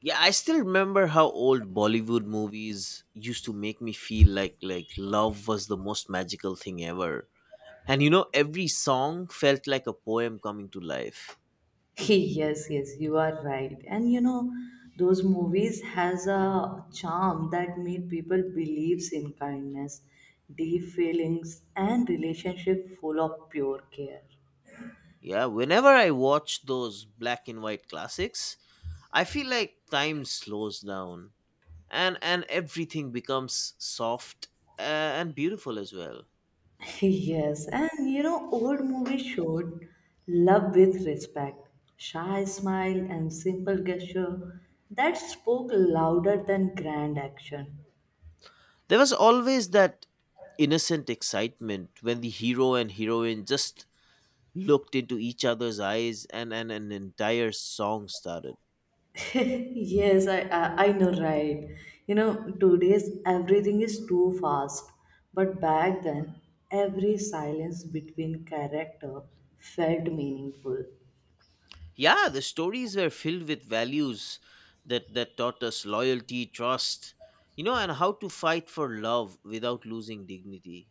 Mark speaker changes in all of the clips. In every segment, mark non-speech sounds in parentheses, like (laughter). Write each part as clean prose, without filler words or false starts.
Speaker 1: Yeah, I still remember how old Bollywood movies used to make me feel like love was the most magical thing ever. And you know, every song felt like a poem coming to life.
Speaker 2: (laughs) Yes, you are right. And you know, those movies has a charm that made people believes in kindness, deep feelings, and relationship full of pure care.
Speaker 1: Yeah, whenever I watch those black and white classics, I feel like time slows down and everything becomes soft uh, and beautiful as well.
Speaker 2: (laughs) Yes, and you know, old movies showed love with respect, shy smile, and simple gesture that spoke louder than grand action.
Speaker 1: There was always that innocent excitement when the hero and heroine just looked into each other's eyes, and an entire song started.
Speaker 2: (laughs) Yes, I know, right? You know, today's everything is too fast. But back then, every silence between character felt meaningful.
Speaker 1: Yeah, the stories were filled with values that taught us loyalty, trust, you know, and how to fight for love without losing dignity.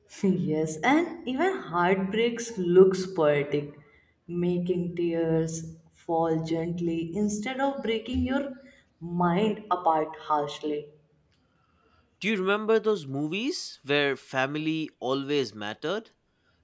Speaker 2: (laughs) Yes, and even heartbreaks looks poetic, making tears fall gently instead of breaking your mind apart harshly.
Speaker 1: Do you remember those movies where family always mattered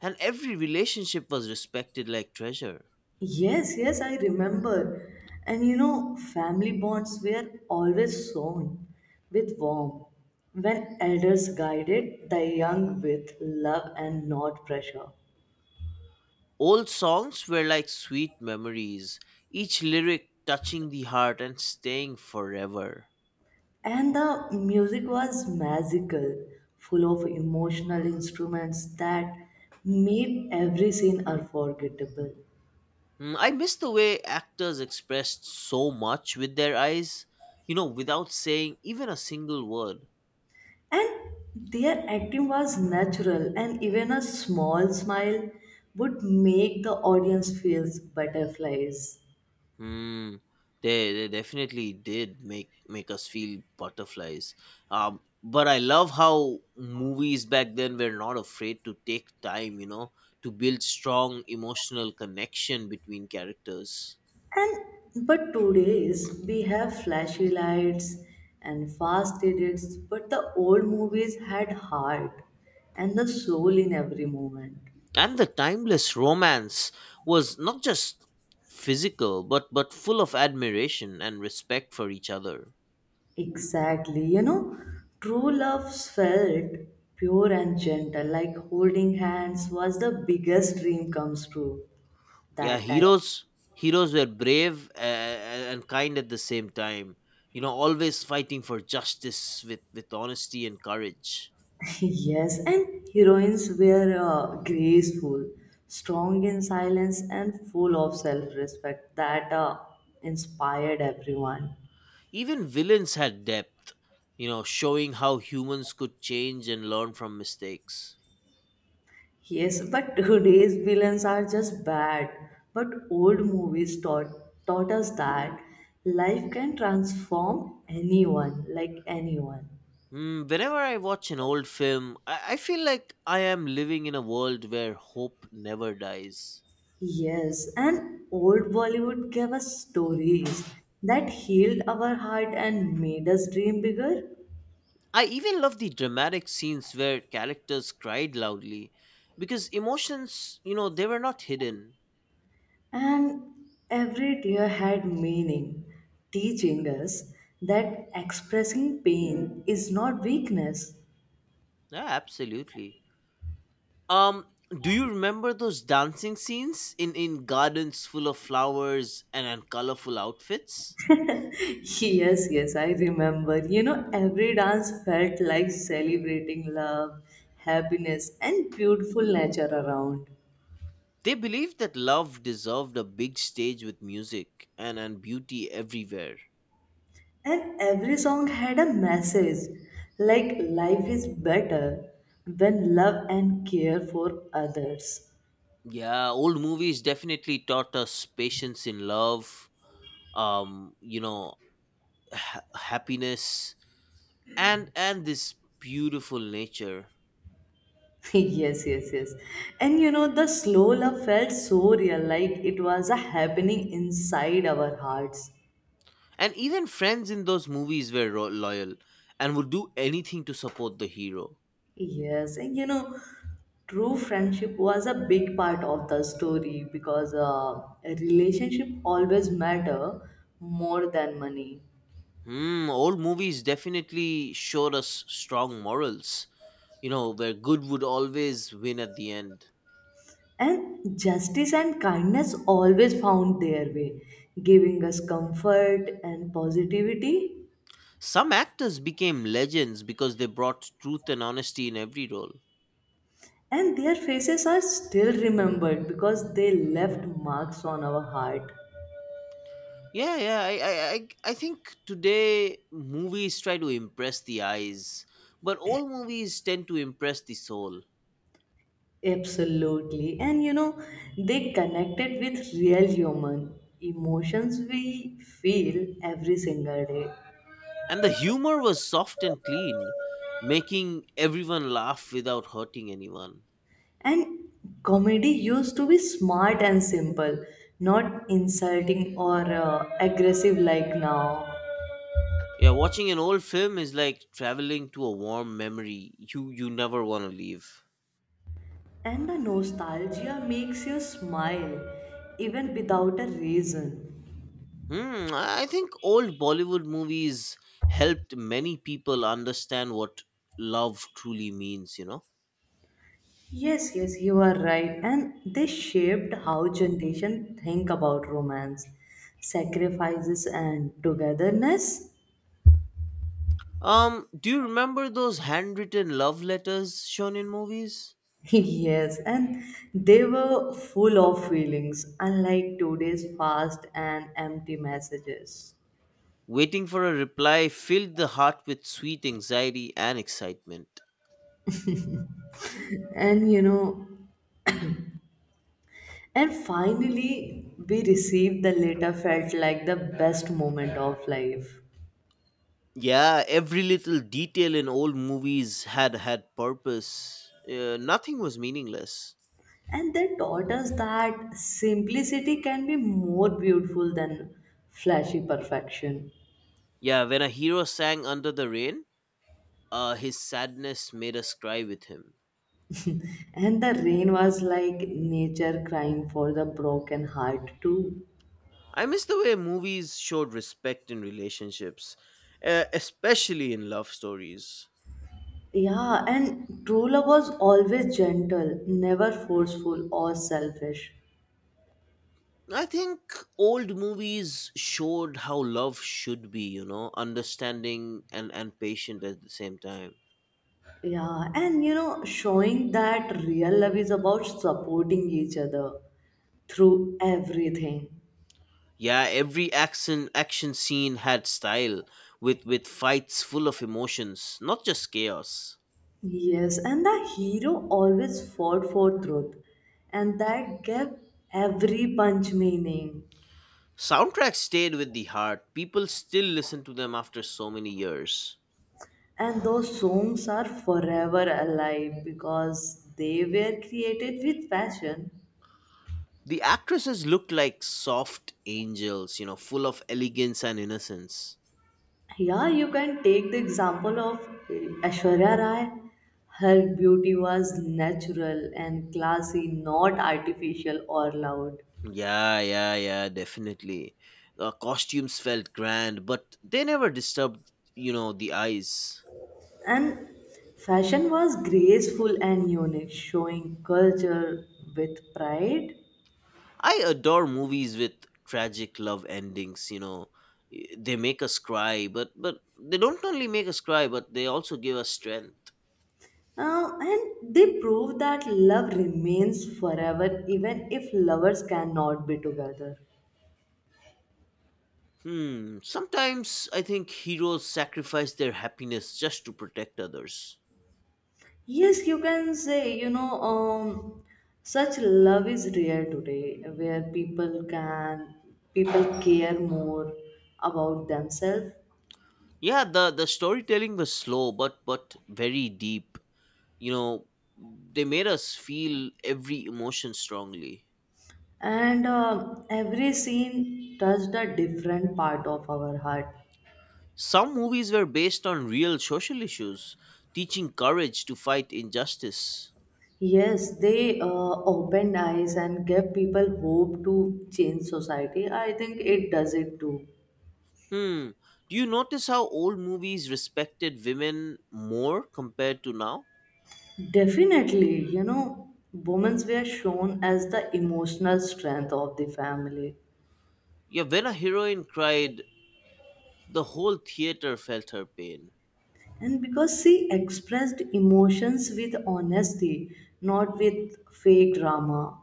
Speaker 1: and every relationship was respected like treasure?
Speaker 2: Yes, yes, I remember. And you know, family bonds were always shown with warmth when elders guided the young with love and not pressure.
Speaker 1: Old songs were like sweet memories, each lyric touching the heart and staying forever.
Speaker 2: And the music was magical, full of emotional instruments that made every scene unforgettable.
Speaker 1: Mm, I miss the way actors expressed so much with their eyes, you know, without saying even a single word.
Speaker 2: And their acting was natural, and even a small smile would make the audience feel butterflies.
Speaker 1: Hmm. They definitely did make us feel butterflies. But I love how movies back then were not afraid to take time, you know, to build strong emotional connection between characters.
Speaker 2: And but today's we have flashy lights and fast edits, but the old movies had heart and the soul in every moment.
Speaker 1: And the timeless romance was not just physical, but full of admiration and respect for each other.
Speaker 2: Exactly, you know, true love felt pure and gentle, like holding hands was the biggest dream comes true
Speaker 1: Yeah,
Speaker 2: that time.
Speaker 1: heroes were brave and kind at the same time, you know, always fighting for justice with honesty and courage.
Speaker 2: (laughs) Yes, and heroines were graceful, strong in silence, and full of self respect that inspired everyone.
Speaker 1: Even villains had depth, you know, showing how humans could change and learn from mistakes.
Speaker 2: Yes, but (laughs) today's villains are just bad. But old movies taught us that life can transform anyone, like anyone.
Speaker 1: Mm, whenever I watch an old film, I feel like I am living in a world where hope never dies.
Speaker 2: Yes, and old Bollywood gave us stories that healed our heart and made us dream bigger.
Speaker 1: I even love the dramatic scenes where characters cried loudly because emotions, you know, they were not hidden.
Speaker 2: And every tear had meaning, teaching us that expressing pain is not weakness.
Speaker 1: Yeah, absolutely. Um, do you remember those dancing scenes in gardens full of flowers and colorful outfits?
Speaker 2: (laughs) Yes, yes, I remember. You know, every dance felt like celebrating love, happiness, and beautiful nature around.
Speaker 1: They believed that love deserved a big stage with music and beauty everywhere.
Speaker 2: And every song had a message like life is better when love and care for others.
Speaker 1: Yeah, old movies definitely taught us patience in love, you know, happiness and this beautiful nature.
Speaker 2: (laughs) Yes, yes, yes. And you know, the slow love felt so real, like it was a happening inside our hearts.
Speaker 1: And even friends in those movies were loyal and would do anything to support the hero.
Speaker 2: Yes, and you know, true friendship was a big part of the story because a relationship always matter more than money.
Speaker 1: Hmm, old movies definitely showed us strong morals, you know, where good would always win at the end.
Speaker 2: And justice and kindness always found their way, giving us comfort and positivity.
Speaker 1: Some actors became legends because they brought truth and honesty in every role.
Speaker 2: And their faces are still remembered because they left marks on our heart.
Speaker 1: Yeah, I think today movies try to impress the eyes, but old movies tend to impress the soul.
Speaker 2: Absolutely. And you know, they connected with real human emotions we feel every single day.
Speaker 1: And the humor was soft and clean, making everyone laugh without hurting anyone.
Speaker 2: And comedy used to be smart and simple, not insulting or aggressive like now.
Speaker 1: Yeah, watching an old film is like traveling to a warm memory you never want to leave.
Speaker 2: And the nostalgia makes you smile even without a reason.
Speaker 1: Hmm, I think old Bollywood movies helped many people understand what love truly means, you know.
Speaker 2: Yes, yes, you are right. And this shaped how generation think about romance, sacrifices, and togetherness.
Speaker 1: Do you remember those handwritten love letters shown in movies?
Speaker 2: (laughs) Yes, and they were full of feelings, unlike today's fast and empty messages.
Speaker 1: Waiting for a reply filled the heart with sweet anxiety and excitement.
Speaker 2: And you know, and finally we received the letter felt like the best moment of life.
Speaker 1: Yeah, every little detail in old movies had purpose. Nothing was meaningless.
Speaker 2: And they taught us that simplicity can be more beautiful than flashy perfection.
Speaker 1: Yeah, when a hero sang Under the Rain, his sadness made us cry with him.
Speaker 2: And the rain was like nature crying for the broken heart, too.
Speaker 1: I miss the way movies showed respect in relationships, especially in love stories.
Speaker 2: Yeah, and true love was always gentle, never forceful or selfish.
Speaker 1: I think old movies showed how love should be, you know, understanding and patient at the same time.
Speaker 2: Yeah, and you know, showing that real love is about supporting each other through everything.
Speaker 1: Yeah, every action scene had style with fights full of emotions, not just chaos.
Speaker 2: Yes, and the hero always fought for truth, and that gave every punch meaning.
Speaker 1: Soundtracks stayed with the heart. People still listen to them after so many years.
Speaker 2: And those songs are forever alive because they were created with passion.
Speaker 1: The actresses looked like soft angels, you know, full of elegance and innocence.
Speaker 2: Yeah, you can take the example of Ashwarya Rai. Her beauty was natural and classy, not artificial or loud.
Speaker 1: Yeah, yeah, yeah, definitely. Costumes felt grand, but they never disturbed, you know, the eyes.
Speaker 2: And fashion was graceful and unique, showing culture with pride.
Speaker 1: I adore movies with tragic love endings, you know. They make us cry, but they don't only make us cry, but they also give us strength.
Speaker 2: And they prove that love remains forever even if lovers cannot be together.
Speaker 1: Hmm. Sometimes I think heroes sacrifice their happiness just to protect others.
Speaker 2: Yes, you can say, you know, such love is rare today where people care more about themselves.
Speaker 1: Yeah, the storytelling was slow but very deep. You know, they made us feel every emotion strongly.
Speaker 2: And every scene touched a different part of our heart.
Speaker 1: Some movies were based on real social issues, teaching courage to fight injustice.
Speaker 2: Yes, they opened eyes and gave people hope to change society. I think it does it too.
Speaker 1: Hmm. Do you notice how old movies respected women more compared to now?
Speaker 2: Definitely, you know, women's were shown as the emotional strength of the family.
Speaker 1: Yeah, when a heroine cried, the whole theater felt her pain.
Speaker 2: And because she expressed emotions with honesty, not with fake drama.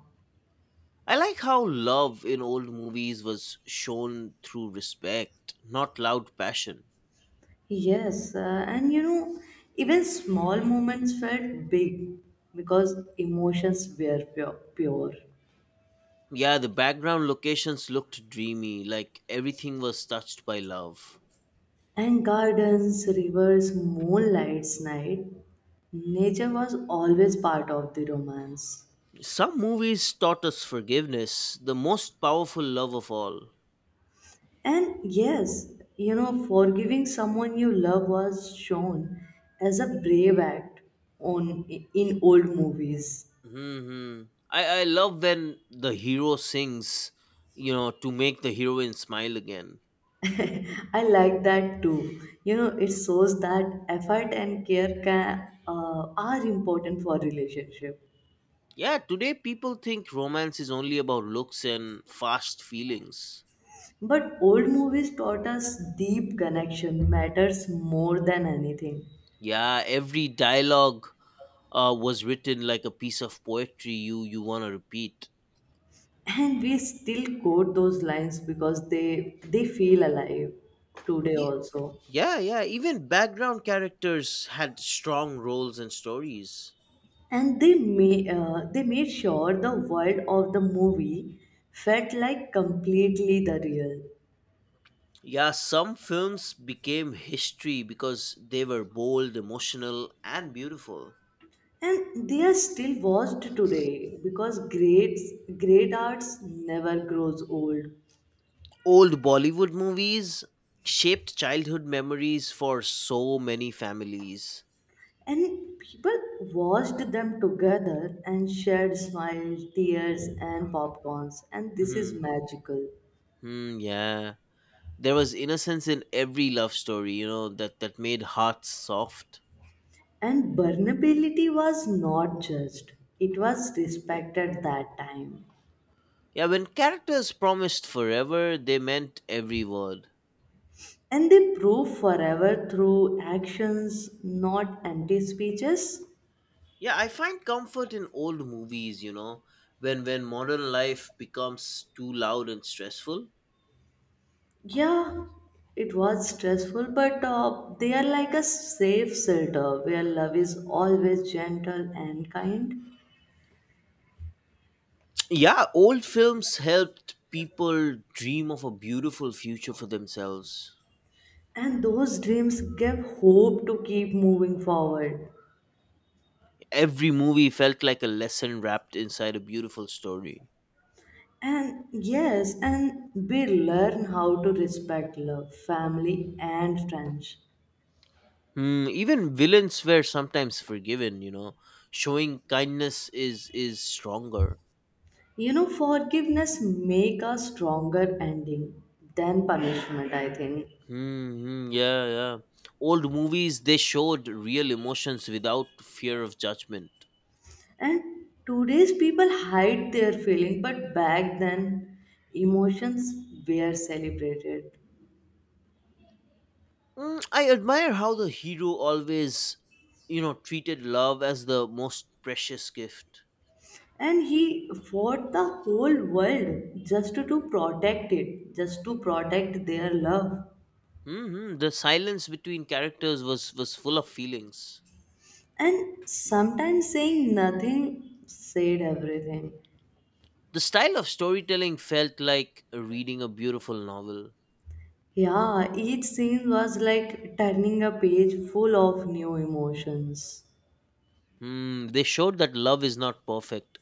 Speaker 1: I like how love in old movies was shown through respect, not loud passion.
Speaker 2: Yes, and you know, even small moments felt big because emotions were pure.
Speaker 1: Yeah, the background locations looked dreamy, like everything was touched by love.
Speaker 2: And gardens, rivers, moonlights, night, nature was always part of the romance.
Speaker 1: Some movies taught us forgiveness, the most powerful love of all.
Speaker 2: And yes, you know, forgiving someone you love was shown as a brave act on in old movies.
Speaker 1: Hmm. I love when the hero sings, you know, to make the heroine smile again.
Speaker 2: I like that too. You know, it shows that effort and care can, are important for relationship.
Speaker 1: Yeah, today people think romance is only about looks and fast feelings.
Speaker 2: But old movies taught us deep connection matters more than anything,
Speaker 1: Yeah, every dialogue was written like a piece of poetry you want to repeat.
Speaker 2: and we still quote those lines because they feel alive today
Speaker 1: Ye-
Speaker 2: also.
Speaker 1: Yeah, yeah. Even background characters had strong roles and stories.
Speaker 2: And they made sure the world of the movie felt like completely the real.
Speaker 1: Yeah, some films became history because they were bold, emotional, and beautiful.
Speaker 2: And they are still watched today because great arts never grows old.
Speaker 1: Old Bollywood movies shaped childhood memories for so many families.
Speaker 2: And people watched them together and shared smiles, tears, and popcorns, and this is
Speaker 1: Hmm.
Speaker 2: magical.
Speaker 1: Hmm, yeah. There was innocence in every love story, you know, that made hearts soft.
Speaker 2: And vulnerability was not judged, it was respected that time.
Speaker 1: Yeah, when characters promised forever, they meant every word.
Speaker 2: And they prove forever through actions, not empty speeches.
Speaker 1: Yeah, I find comfort in old movies, you know, when modern life becomes too loud and stressful.
Speaker 2: Yeah, it was stressful, but they are like a safe shelter where love is always gentle and kind.
Speaker 1: Yeah, old films helped people dream of a beautiful future for themselves.
Speaker 2: And those dreams give hope to keep moving forward.
Speaker 1: Every movie felt like a lesson wrapped inside a beautiful story.
Speaker 2: And yes, and we learn how to respect love, family, and friends.
Speaker 1: Hmm, even villains were sometimes forgiven, you know. Showing kindness is stronger.
Speaker 2: You know, forgiveness make a stronger ending than punishment, I think.
Speaker 1: Hmm. Yeah, yeah. Old movies, they showed real emotions without fear of judgment.
Speaker 2: And today's people hide their feeling, but back then emotions were celebrated.
Speaker 1: Mm, I admire how the hero always, you know, treated love as the most precious gift.
Speaker 2: And he fought the whole world just to protect it, just to protect their love.
Speaker 1: Hmm. The silence between characters was full of feelings.
Speaker 2: And sometimes saying nothing said everything.
Speaker 1: The style of storytelling felt like reading a beautiful novel.
Speaker 2: Yeah, each scene was like turning a page full of new emotions.
Speaker 1: Hmm. They showed that love is not perfect,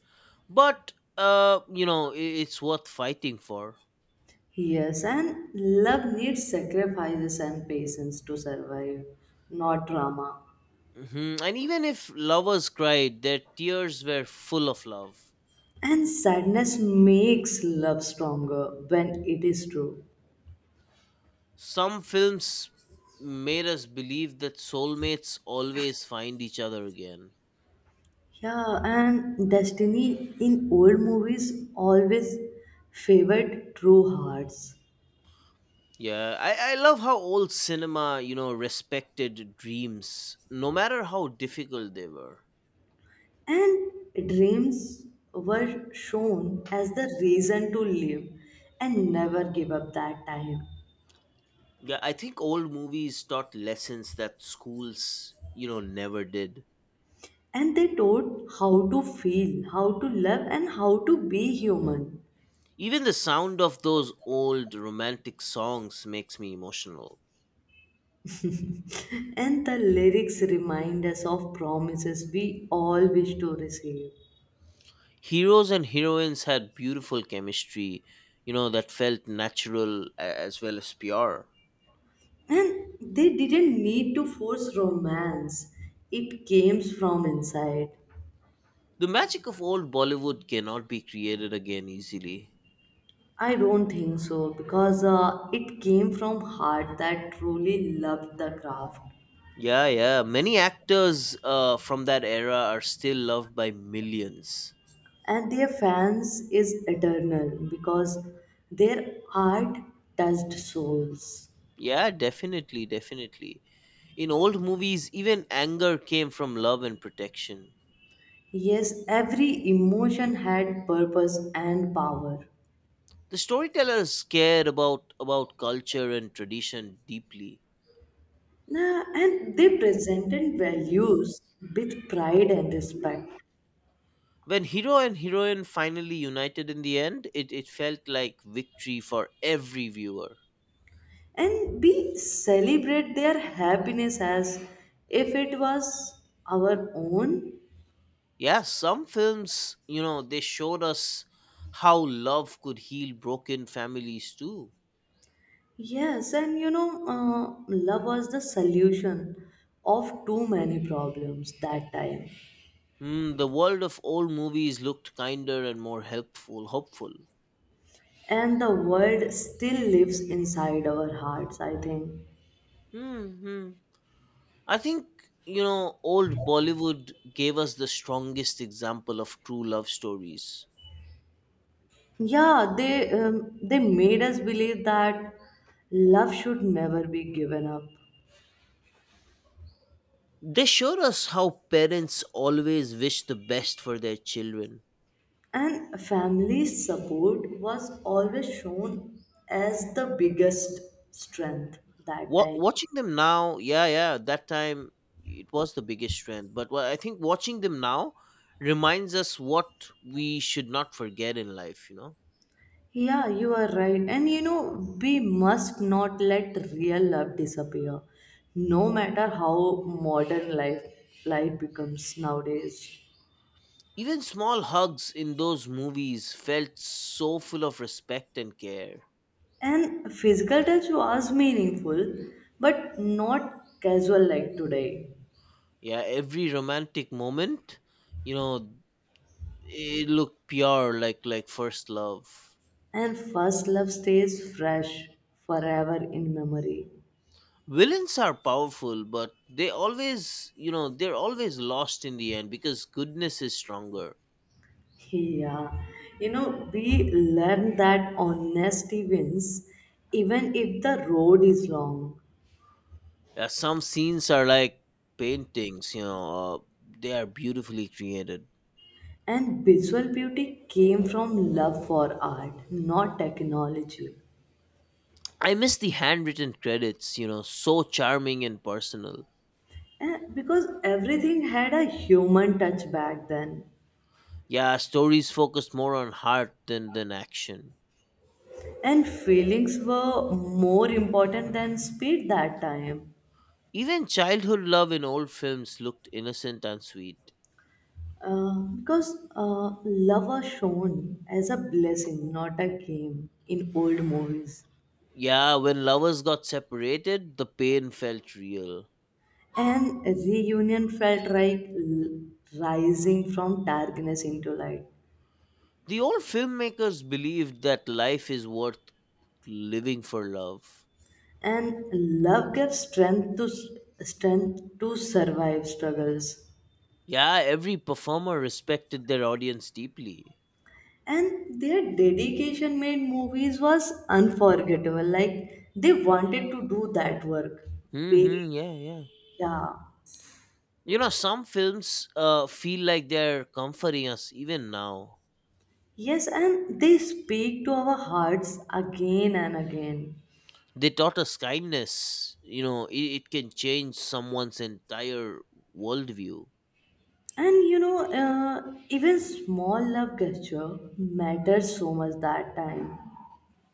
Speaker 1: but, you know, it's worth fighting for.
Speaker 2: Yes, and love needs sacrifices and patience to survive, not drama.
Speaker 1: Mhm. And even if lovers cried, their tears were full of love.
Speaker 2: And sadness makes love stronger when it is true.
Speaker 1: Some films made us believe that soulmates always find each other again.
Speaker 2: Yeah, and destiny in old movies always favored true hearts.
Speaker 1: Yeah, I love how old cinema, you know, respected dreams, no matter how difficult they were.
Speaker 2: And dreams were shown as the reason to live and never give up that time.
Speaker 1: Yeah, I think old movies taught lessons that schools, you know, never did.
Speaker 2: And they taught how to feel, how to love, and how to be human.
Speaker 1: Even the sound of those old romantic songs makes me emotional.
Speaker 2: And the lyrics remind us of promises we all wish to receive.
Speaker 1: Heroes and heroines had beautiful chemistry, you know, that felt natural as well as pure.
Speaker 2: And they didn't need to force romance, it came from inside.
Speaker 1: The magic of old Bollywood cannot be created again easily.
Speaker 2: I don't think so because it came from heart that truly loved the craft.
Speaker 1: Yeah, yeah. Many actors from that era are still loved by millions.
Speaker 2: And their fans is eternal because their art touched souls.
Speaker 1: Yeah, definitely, definitely. In old movies, even anger came from love and protection.
Speaker 2: Yes, every emotion had purpose and power.
Speaker 1: The storytellers cared about culture and tradition deeply.
Speaker 2: Nah, and they presented values with pride and respect.
Speaker 1: When hero and heroine finally united in the end, it felt like victory for every viewer.
Speaker 2: And we celebrate their happiness as if it was our own.
Speaker 1: Yeah, some films, you know, they showed us how love could heal broken families too.
Speaker 2: Yes, and you know, love was the solution of too many problems that time.
Speaker 1: Hmm, the world of old movies looked kinder and more helpful, hopeful.
Speaker 2: And the world still lives inside our hearts, I think.
Speaker 1: Hmm. Hmm. I think, you know, old Bollywood gave us the strongest example of true love stories.
Speaker 2: Yeah, they made us believe that love should never be given up.
Speaker 1: They showed us how parents always wish the best for their children.
Speaker 2: And family support was always shown as the biggest strength that
Speaker 1: Wa
Speaker 2: time.
Speaker 1: Watching them now, yeah, yeah, that time it was the biggest strength. But I think watching them now reminds us what we should not forget in life, you know?
Speaker 2: Yeah, you are right. And you know, we must not let real love disappear, no matter how modern life becomes nowadays.
Speaker 1: Even small hugs in those movies felt so full of respect and care.
Speaker 2: And physical touch was meaningful, but not casual like today.
Speaker 1: Yeah, every romantic moment, you know, it looked pure like first love.
Speaker 2: And first love stays fresh forever in memory.
Speaker 1: Villains are powerful, but they always, you know, they're always lost in the end because goodness is stronger.
Speaker 2: Yeah, you know, we learn that honesty wins even if the road is long.
Speaker 1: Some scenes are like paintings, you know, they are beautifully created.
Speaker 2: And visual beauty came from love for art, not technology.
Speaker 1: I miss the handwritten credits, you know, so charming and personal.
Speaker 2: Eh, because everything had a human touch back then,
Speaker 1: Yeah, stories focused more on heart than action.
Speaker 2: and feelings were more important than speed that time.
Speaker 1: Even childhood love in old films looked innocent and sweet.
Speaker 2: Because love was shown as a blessing, not a game in old movies.
Speaker 1: Yeah, when lovers got separated, the pain felt real.
Speaker 2: And reunion felt like rising from darkness into light.
Speaker 1: The old filmmakers believed that life is worth living for love.
Speaker 2: And love gave strength to strength to survive struggles.
Speaker 1: Yeah, every performer respected their audience deeply.
Speaker 2: And their dedication made movies was unforgettable. Like they wanted to do that work. Very
Speaker 1: Mm-hmm. Yeah, yeah.
Speaker 2: yeah.
Speaker 1: You know, some films feel like they're comforting us even now.
Speaker 2: Yes, and they speak to our hearts again and again.
Speaker 1: They taught us kindness. You know, it can change someone's entire worldview.
Speaker 2: And you know, even small love gesture matters so much that time.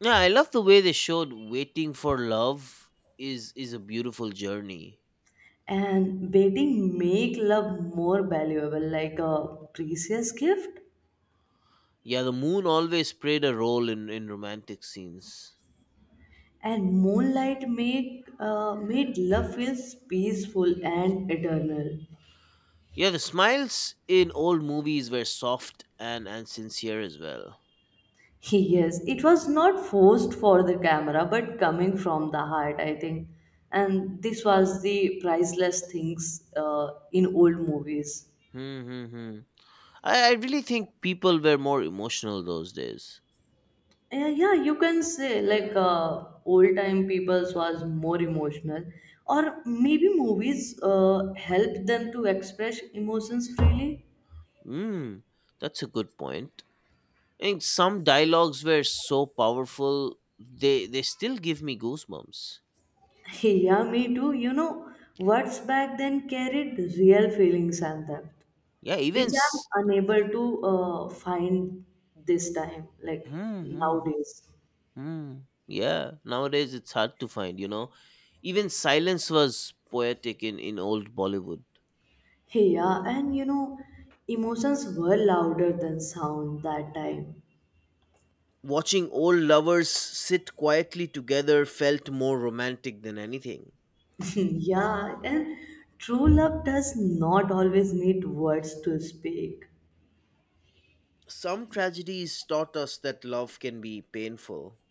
Speaker 1: Yeah, I love the way they showed waiting for love is a beautiful journey.
Speaker 2: And betting make love more valuable like a precious gift.
Speaker 1: Yeah, the moon always played a role in romantic scenes.
Speaker 2: And moonlight make made love feels peaceful and eternal.
Speaker 1: Yeah, the smiles in old movies were soft and sincere as well.
Speaker 2: (laughs) Yes, it was not forced for the camera but coming from the heart, I think. And this was the priceless things in old movies.
Speaker 1: Hmm. Hmm, hmm. I really think people were more emotional those days.
Speaker 2: Yeah, yeah, you can say like old time people's was more emotional, or maybe movies help them to express emotions freely.
Speaker 1: Hmm, that's a good point. And some dialogues were so powerful, they still give me goosebumps.
Speaker 2: (laughs) Yeah, me too, you know, words back then carried real feelings and depth,
Speaker 1: Yeah, even.
Speaker 2: which I'm unable to find this time, like
Speaker 1: Hmm, hmm,
Speaker 2: nowadays. (laughs)
Speaker 1: hmm. Yeah, nowadays it's hard to find, you know. Even silence was poetic in old Bollywood.
Speaker 2: Hey, yeah, and you know, emotions were louder than sound that time.
Speaker 1: Watching old lovers sit quietly together felt more romantic than anything.
Speaker 2: (laughs) Yeah, and true love does not always need words to speak.
Speaker 1: Some tragedies taught us that love can be painful.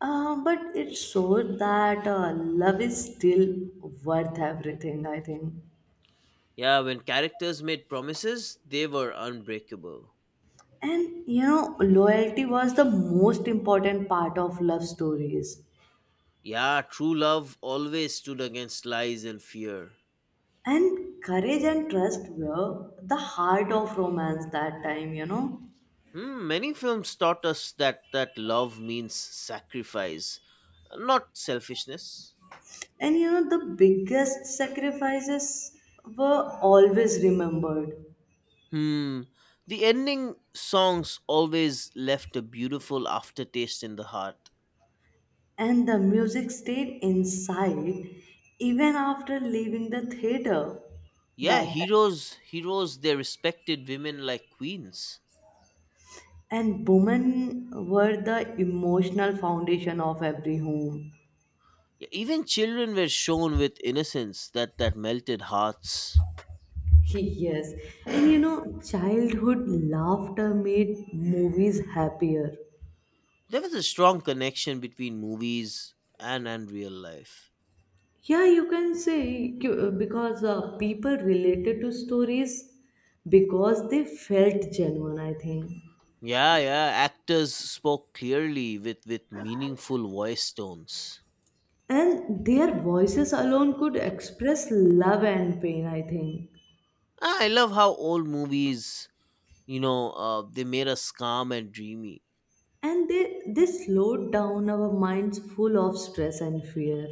Speaker 2: But it shows that love is still worth everything, I think.
Speaker 1: Yeah, when characters made promises, they were unbreakable.
Speaker 2: And you know, loyalty was the most important part of love stories.
Speaker 1: Yeah, true love always stood against lies and fear.
Speaker 2: And courage and trust were the heart of romance that time, you know.
Speaker 1: Hmm, many films taught us that love means sacrifice, not selfishness.
Speaker 2: And you know, the biggest sacrifices were always remembered.
Speaker 1: Hmm, the ending songs always left a beautiful aftertaste in the heart.
Speaker 2: And the music stayed inside even after leaving the theater
Speaker 1: Yeah,
Speaker 2: that time.
Speaker 1: heroes they respected women like queens.
Speaker 2: And women were the emotional foundation of every home.
Speaker 1: Yeah, even children were shown with innocence that melted hearts.
Speaker 2: (laughs) Yes. And you know, childhood laughter made movies happier.
Speaker 1: There was a strong connection between movies and real life.
Speaker 2: Yeah, you can say because people related to stories because they felt genuine, I think.
Speaker 1: Yeah, yeah, actors spoke clearly with meaningful voice tones.
Speaker 2: And their voices alone could express love and pain, I think.
Speaker 1: Ah, I love how old movies, you know, they made us calm and dreamy.
Speaker 2: And they slowed down our minds full of stress and fear.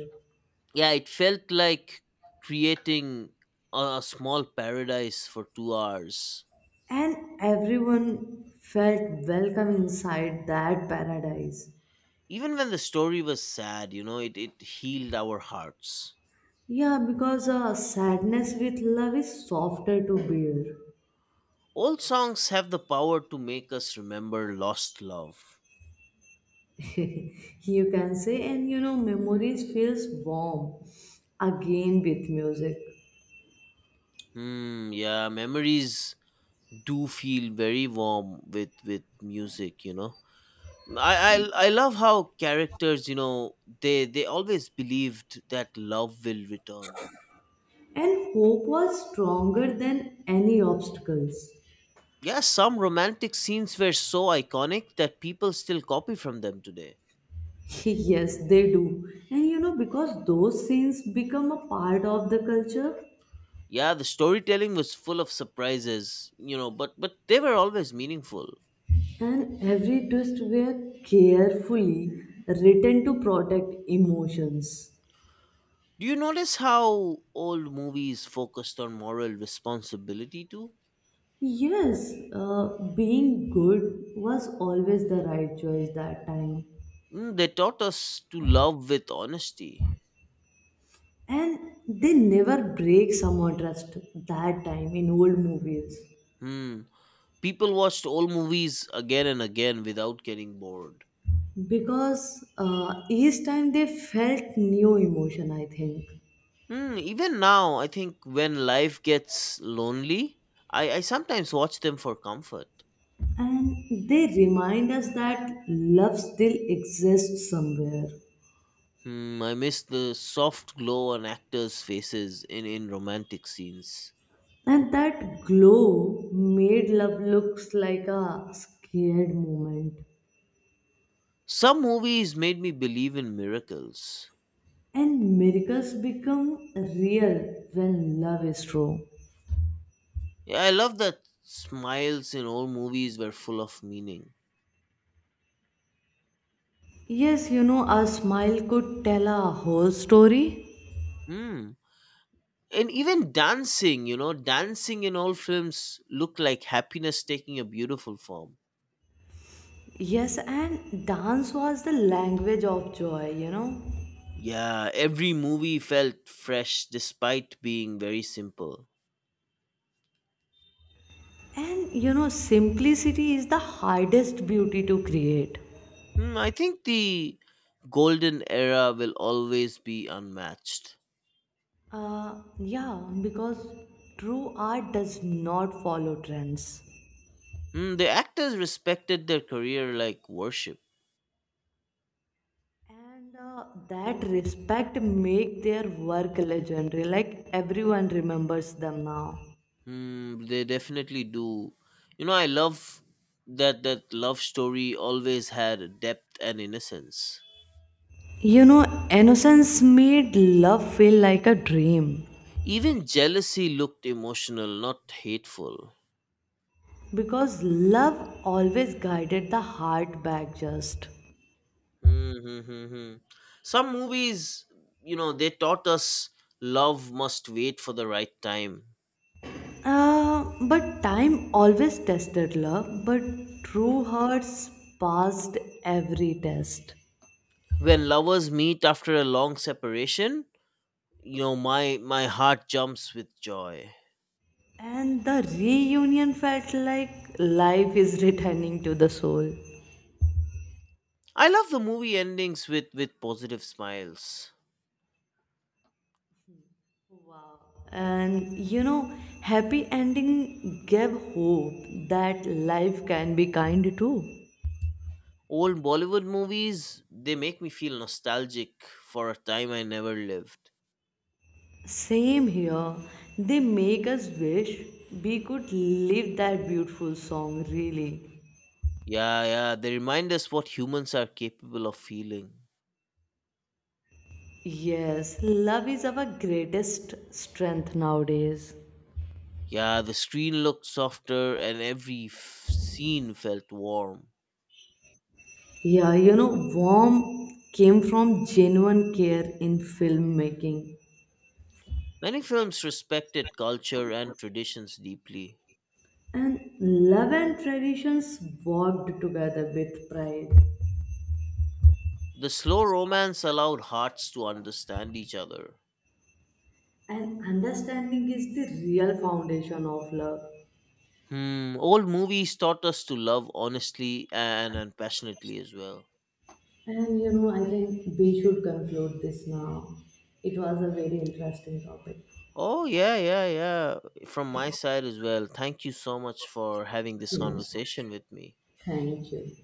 Speaker 1: Yeah, it felt like creating a small paradise for 2 hours.
Speaker 2: And everyone felt welcome inside that paradise.
Speaker 1: Even when the story was sad, you know, it healed our hearts.
Speaker 2: Yeah, because sadness with love is softer to bear.
Speaker 1: Old songs have the power to make us remember lost love.
Speaker 2: (laughs) You can say, and you know, memories feels warm again with music.
Speaker 1: Hmm. Yeah, memories do feel very warm with music. You know, I love how characters. You know, they always believed that love will return.
Speaker 2: And hope was stronger than any obstacles.
Speaker 1: Yeah, some romantic scenes were so iconic that people still copy from them today.
Speaker 2: (laughs) Yes, they do. And you know, because those scenes become a part of the culture,
Speaker 1: Yeah, the storytelling was full of surprises, you know, but they were always meaningful.
Speaker 2: and every twist were carefully written to protect emotions.
Speaker 1: Do you notice how old movies focused on moral responsibility too?
Speaker 2: Yes, being good was always the right choice that time.
Speaker 1: Mm, they taught us to love with honesty.
Speaker 2: And they never break someone trust that time in old movies.
Speaker 1: Hmm. People watched old movies again and again without getting bored.
Speaker 2: Because each time they felt new emotion, I think.
Speaker 1: Hmm. Even now, I think when life gets lonely, I sometimes watch them for comfort.
Speaker 2: And they remind us that love still exists somewhere.
Speaker 1: Hmm. I miss the soft glow on actors' faces in romantic scenes.
Speaker 2: And that glow made love looks like a scared moment.
Speaker 1: Some movies made me believe in miracles.
Speaker 2: And miracles become real when love is true.
Speaker 1: Yeah, I love that smiles in old movies were full of meaning.
Speaker 2: Yes, you know, a smile could tell a whole story.
Speaker 1: Hmm. And even dancing, you know, dancing in all films look like happiness taking a beautiful form.
Speaker 2: Yes, and dance was the language of joy, you know.
Speaker 1: Yeah, every movie felt fresh despite being very simple.
Speaker 2: And you know, simplicity is the hardest beauty to create.
Speaker 1: Hmm, I think the golden era will always be unmatched.
Speaker 2: Yeah, because true art does not follow trends.
Speaker 1: Hmm, the actors respected their career like worship.
Speaker 2: And that respect make their work legendary. Like everyone remembers them now.
Speaker 1: Hmm, they definitely do. You know, I love that love story always had depth and innocence.
Speaker 2: You know, innocence made love feel like a dream.
Speaker 1: Even jealousy looked emotional, not hateful.
Speaker 2: Because love always guided the heart back just.
Speaker 1: Mm-hmm. Some movies, you know, they taught us love must wait for the right time.
Speaker 2: But time always tested love, but true hearts passed every test.
Speaker 1: When lovers meet after a long separation, you know, my heart jumps with joy.
Speaker 2: And the reunion felt like life is returning to the soul.
Speaker 1: I love the movie endings with positive smiles.
Speaker 2: And you know, happy ending gave hope that life can be kind too.
Speaker 1: Old Bollywood movies, they make me feel nostalgic for a time I never lived.
Speaker 2: Same here, they make us wish we could live that beautiful song really.
Speaker 1: Yeah, yeah, they remind us what humans are capable of feeling.
Speaker 2: Yes, love is our greatest strength nowadays.
Speaker 1: Yeah, the screen looked softer and every scene felt warm.
Speaker 2: Yeah, you know, warm came from genuine care in filmmaking.
Speaker 1: Many films respected culture and traditions deeply.
Speaker 2: And love and traditions worked together with pride.
Speaker 1: The slow romance allowed hearts to understand each other.
Speaker 2: And understanding is the real foundation of love.
Speaker 1: Hmm, old movies taught us to love honestly and passionately as well.
Speaker 2: And you know, I think we should conclude this now. It was a very interesting topic.
Speaker 1: Oh, yeah, yeah, yeah. From my side as well, thank you so much for having this
Speaker 2: Yes,
Speaker 1: conversation with me.
Speaker 2: thank you.